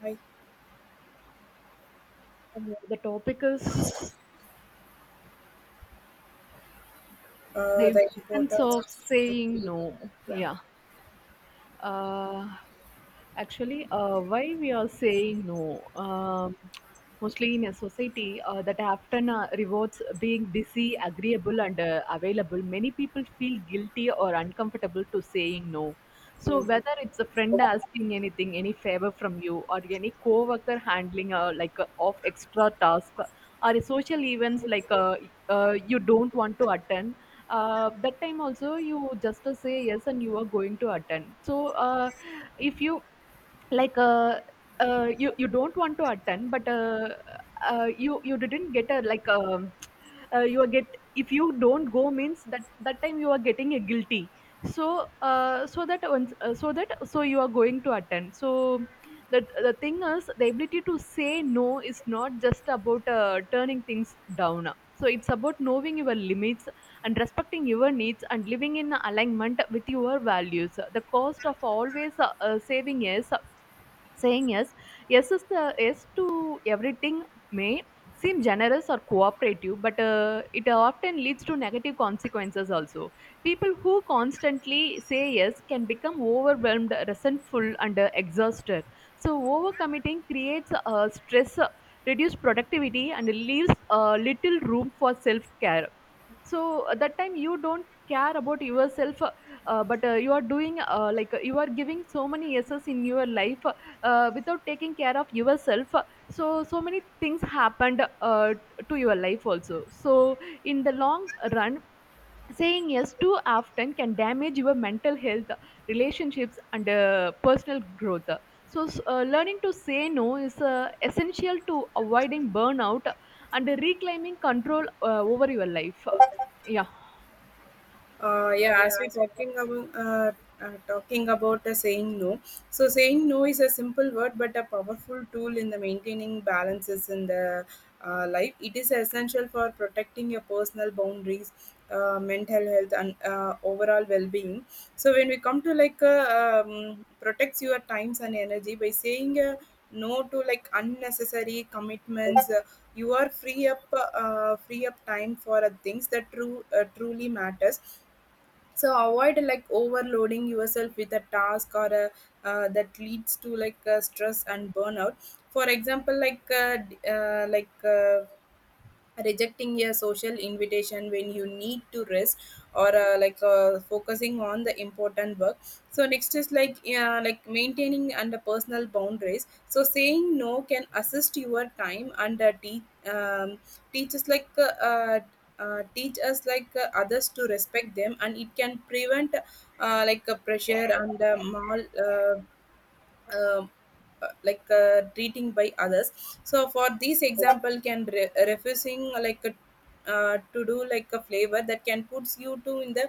Hi. Uh, the topic is the The importance importance of of saying safety. no. Yeah. Yeah. Uh, Actually, why we are saying no? Mostly in a society that often rewards being busy, agreeable, and available, many people feel guilty or uncomfortable to saying no. So Yeah. whether it's a friend asking anything, any favor from you, or any coworker handling of extra task, or social events like you don't want to attend, that time also you just say yes and you are going to attend, so if you, like, you don't want to attend, but you didn't get a, like, you are get, if you don't go means that time you are getting a guilty, so so that once so that so you are going to attend, so the thing is the ability to say no is not just about turning things down. So it's about knowing your limits and respecting your needs and living in alignment with your values. The cost of always saving is saying yes. Yes is the yes to everything may seem generous or cooperative, but it often leads to negative consequences also. People who constantly say yes can become overwhelmed, resentful, and exhausted. So overcommitting creates stress, reduced productivity, and leaves little room for self care. So at that time you don't care about yourself, but you are doing, like, you are giving so many yeses in your life, without taking care of yourself. So many things happened to your life also. So in the long run, saying yes too often can damage your mental health, relationships, and personal growth. So, learning to say no is essential to avoiding burnout and reclaiming control over your life. Yeah. uh, yeah Yeah. as we talking about the saying no. So saying no is a simple word but a powerful tool in the maintaining balances in the life. It is essential for protecting your personal boundaries, mental health, and overall well-being. So when we come to like protects your times and energy by saying no to like unnecessary commitments. You are free up time for things that true truly matters. So avoid like overloading yourself with a task or that leads to like stress and burnout. For example, like rejecting a social invitation when you need to rest, or focusing on the important work. So next is like maintaining and personal boundaries. So saying no can assist your time and um, teach us like uh, uh, teach us like others to respect them, and it can prevent like a pressure and mal, um, like treating by others. So for this example can refusing like a to do like a flavor that can puts you to in the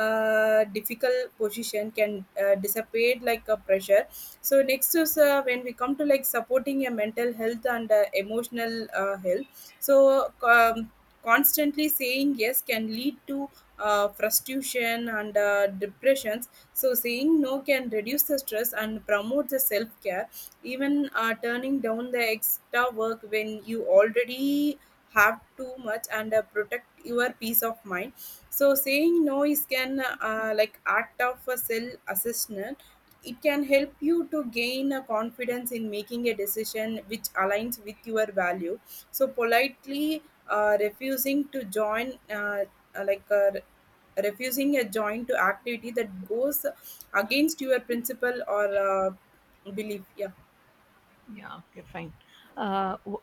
difficult position, can dissipate like a pressure. So next is when we come to like supporting your mental health and emotional health. So constantly saying yes can lead to frustration and depression. So, saying no can reduce the stress and promote the self care, even turning down the extra work when you already have too much, and protect your peace of mind. So, saying no is can like act of a self assessment. It can help you to gain a confidence in making a decision which aligns with your value. So politely refusing to join uh, like uh, refusing a joint to activity that goes against your principle or belief. Yeah. Yeah, okay, fine. Uh, w-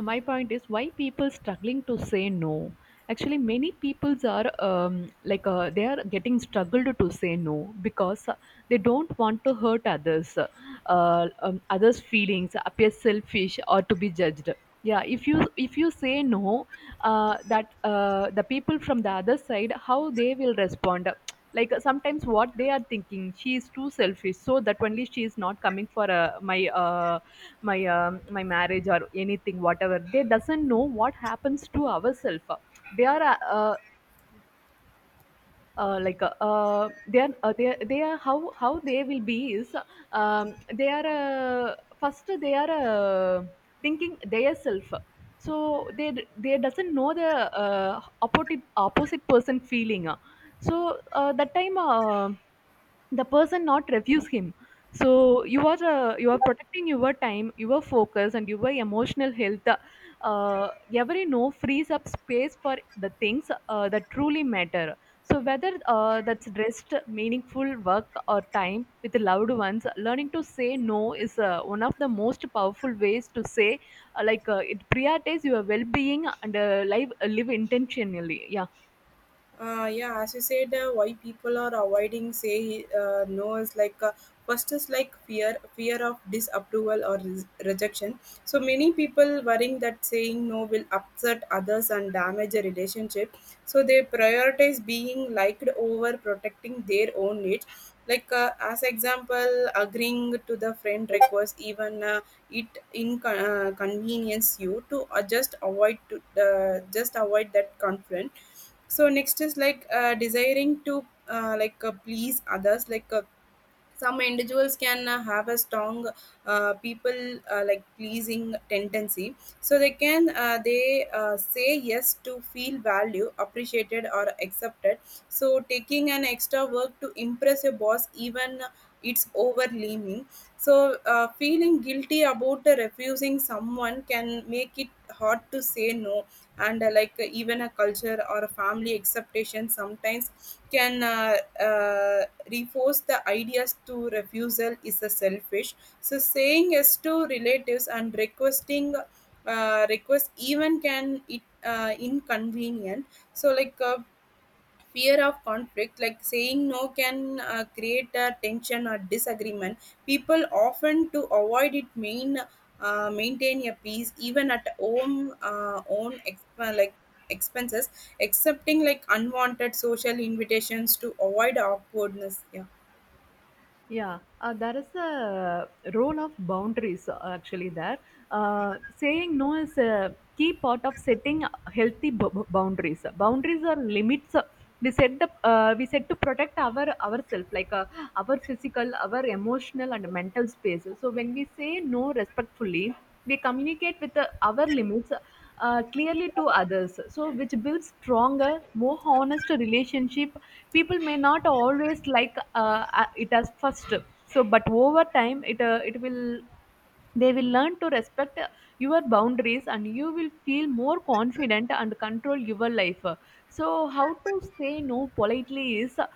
my point is why people struggling to say no. Actually, many peoples are like, they are getting struggled to say no because they don't want to hurt others, others' feelings, appear selfish or to be judged. Yeah, if you say no, that the people from the other side, how they will respond. Like, sometimes what they are thinking, she is too selfish, so that only she is not coming for my marriage or anything. Whatever, they doesn't know what happens to ourselves. They are like, they are, how they will be is, they are first, they are thinking their self. So they doesn't know the opposite person feeling. So that time, the person not refuse him. So you are protecting your time, your focus, and your emotional health. uh, every no frees up space for the things that truly matter. So whether that's rest, meaningful work, or time with loved ones, learning to say no is one of the most powerful ways to say, like, it prioritizes your well-being and live intentionally. Yeah. Yeah, as you said, why people are avoiding say no is like first is like fear, fear of disapproval or rejection. So many people worrying that saying no will upset others and damage a relationship. So they prioritize being liked over protecting their own needs. Like as example, agreeing to the friend request, even it inconvenience convenience you to just avoid that conflict. So next is like desiring to please others like some individuals can have a strong people like pleasing tendency. So they can they say yes to feel value, appreciated or accepted. So taking an extra work to impress your boss, even it's overwhelming. So feeling guilty about refusing someone can make it hard to say no. And even a culture or a family acceptation sometimes can uh, reinforce the ideas to refusal is a selfish. So saying yes to relatives and requesting request, even can it inconvenient. So like fear of conflict, like saying no can create a tension or disagreement. People often to avoid it mean maintain a peace even at home like expenses, accepting like unwanted social invitations to avoid awkwardness. Yeah. Yeah, there is a role of boundaries, actually, there. Saying no is a key part of setting healthy boundaries. Boundaries are limits we set to protect ourselves, like, our physical, our emotional, and mental space. So when we say no respectfully, we communicate with our limits clearly to others, so which builds stronger, more honest relationship. People may not always like it as first, so but over time it it will they will learn to respect your boundaries, and you will feel more confident and control your life. So how to say no politely is,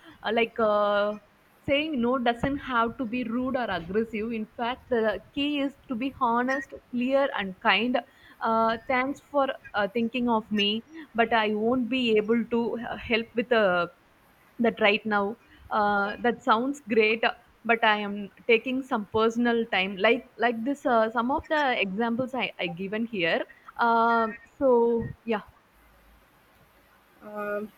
like, saying no doesn't have to be rude or aggressive. In fact, the key is to be honest, clear, and kind. Thanks for thinking of me, but I won't be able to help with that right now. That sounds great, but I am taking some personal time. Like this, some of the examples I given here. So yeah. Um,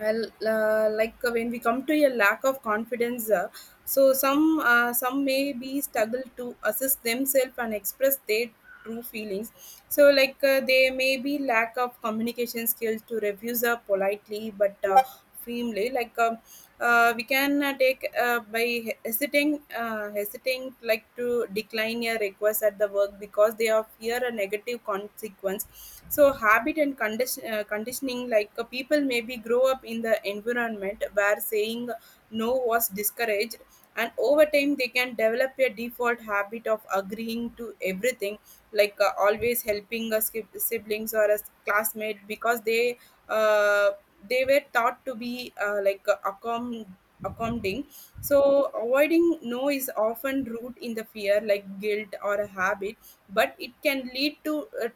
well, when we come to a lack of confidence, so some may be struggle to assess themselves and express their true feelings. So like they may be lack of communication skills to refuse politely, but firmly like we can take by he- hesitating hesitating like to decline a request at the work because they are fear a negative consequence. So habit and conditioning like people maybe grow up in the environment where saying no was discouraged, and over time they can develop a default habit of agreeing to everything. Like always helping us, siblings or a classmate because uh, they were taught to be accommodating. So avoiding no is often rooted in the fear like guilt or a habit, but it can lead to uh,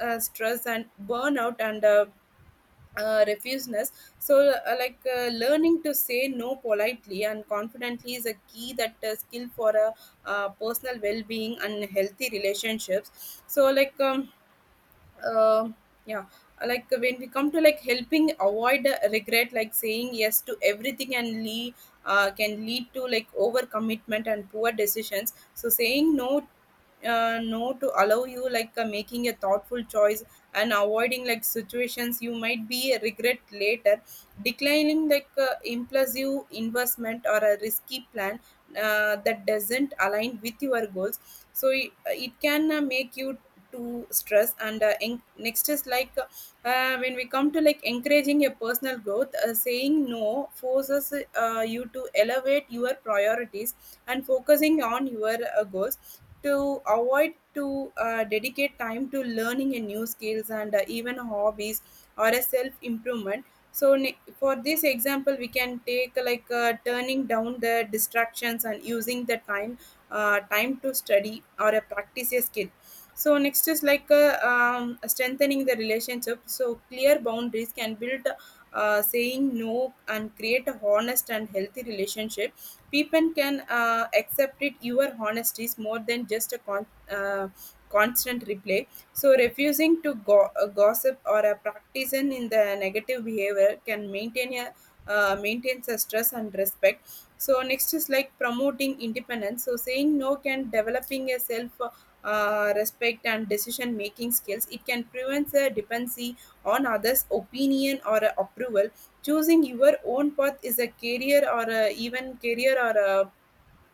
uh, stress and burnout and refuseness. So, learning to say no politely and confidently is a key that skill for a personal well-being and healthy relationships. So, like. Uh, yeah. Like when we come to like helping avoid regret, like saying yes to everything and can lead to like overcommitment and poor decisions. So saying no no to allow you like making a thoughtful choice and avoiding like situations you might be regret later, declining like impulsive investment or a risky plan that doesn't align with your goals. So it can make you to stress. And next is like when we come to like encouraging a personal growth. Saying no forces you to elevate your priorities and focusing on your goals, to avoid to dedicate time to learning a new skills and even hobbies or a self improvement. So for this example we can take turning down the distractions and using the time to study or a practice a skill. So next is like strengthening the relationship. So clear boundaries can build saying no and create a honest and healthy relationship. People can accept it your honesty is more than just a uh, constant replay. So, refusing to gossip or a practicing in the negative behavior can maintains a stress and respect. So next is like promoting independence. So saying no can developing a self respect and decision making skills. It can prevent a dependency on others' opinion or approval. Choosing your own path is a career or even career or a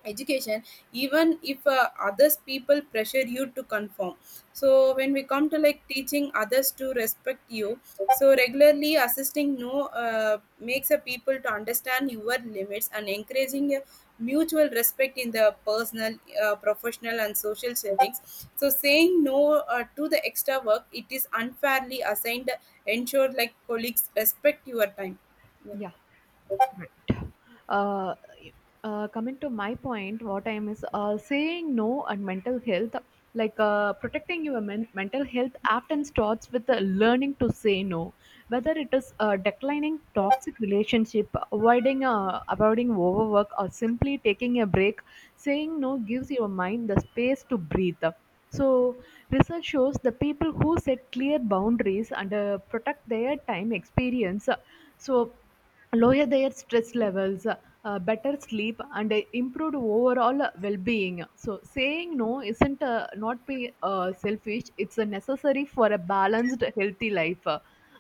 education, even if others people pressure you to conform. So when we come to like teaching others to respect you, so regularly assisting no makes a people to understand your limits and encouraging a mutual respect in the personal, professional, and social settings. So saying no to the extra work it is unfairly assigned, ensure like colleagues respect your time. Yeah. Yeah. Right. Uh, coming to my point, what I'm is saying no and mental health, like, protecting your mental health often starts with learning to say no, whether it is declining toxic relationship, avoiding overwork, or simply taking a break. Saying no gives your mind the space to breathe. So, research shows the people who set clear boundaries and protect their time experience, so lower their stress levels, better sleep, and improved overall well-being. So, saying no isn't, not be, selfish. It's necessary for a balanced, healthy life.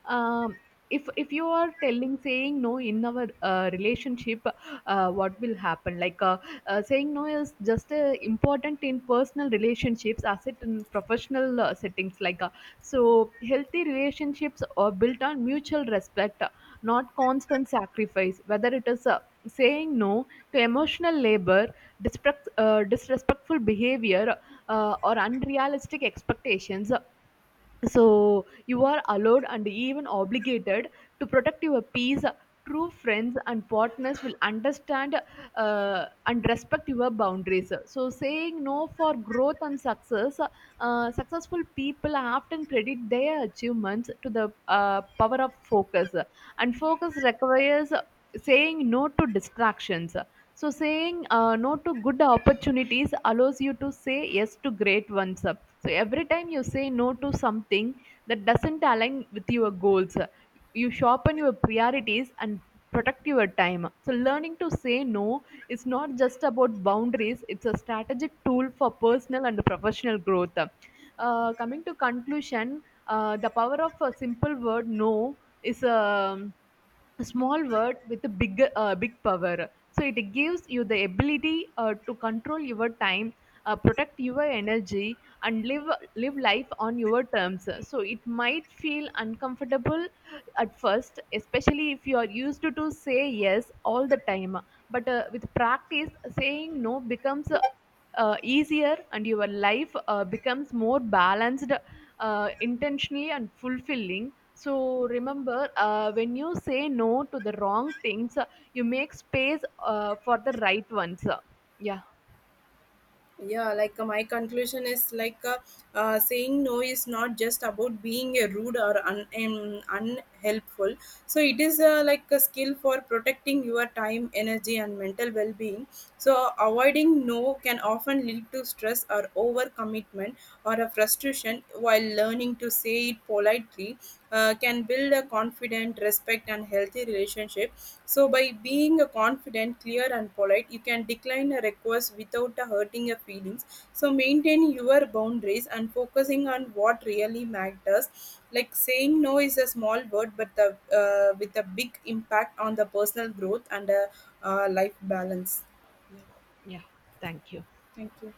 Um, if you are telling saying no in our relationship, what will happen? Like, saying no is just important in personal relationships as it in professional settings. Like, so, healthy relationships are built on mutual respect, not constant sacrifice, whether it is saying no to emotional labor, disrespectful behavior, or unrealistic expectations, so you are allowed and even obligated to protect your peace. True friends and partners will understand and respect your boundaries. So saying no for growth and success, successful people often credit their achievements to the power of focus, and focus requires saying no to distractions. So saying no to good opportunities allows you to say yes to great ones. So every time you say no to something that doesn't align with your goals, you sharpen your priorities and protect your time. So learning to say no is not just about boundaries. It's a strategic tool for personal and professional growth. Coming to conclusion, the power of a simple word no is, a small word with a big power. So it gives you the ability to control your time, protect your energy, and live life on your terms. So it might feel uncomfortable at first, especially if you are used to say yes all the time. But with practice, saying no becomes easier, and your life becomes more balanced, intentionally, and fulfilling. So remember, when you say no to the wrong things, you make space for the right ones. Yeah. Yeah. Like my conclusion is like saying no is not just about being a rude or unhelpful. So it is like a skill for protecting your time, energy, and mental well-being. So avoiding no can often lead to stress or overcommitment or a frustration, while learning to say it politely can build a confident, respect, and healthy relationship. So, by being a confident, clear, and polite, you can decline a request without hurting your feelings. So, maintain your boundaries and focusing on what really matters. Like saying no is a small word, but with a big impact on the personal growth and life balance. Yeah. Thank you. Thank you.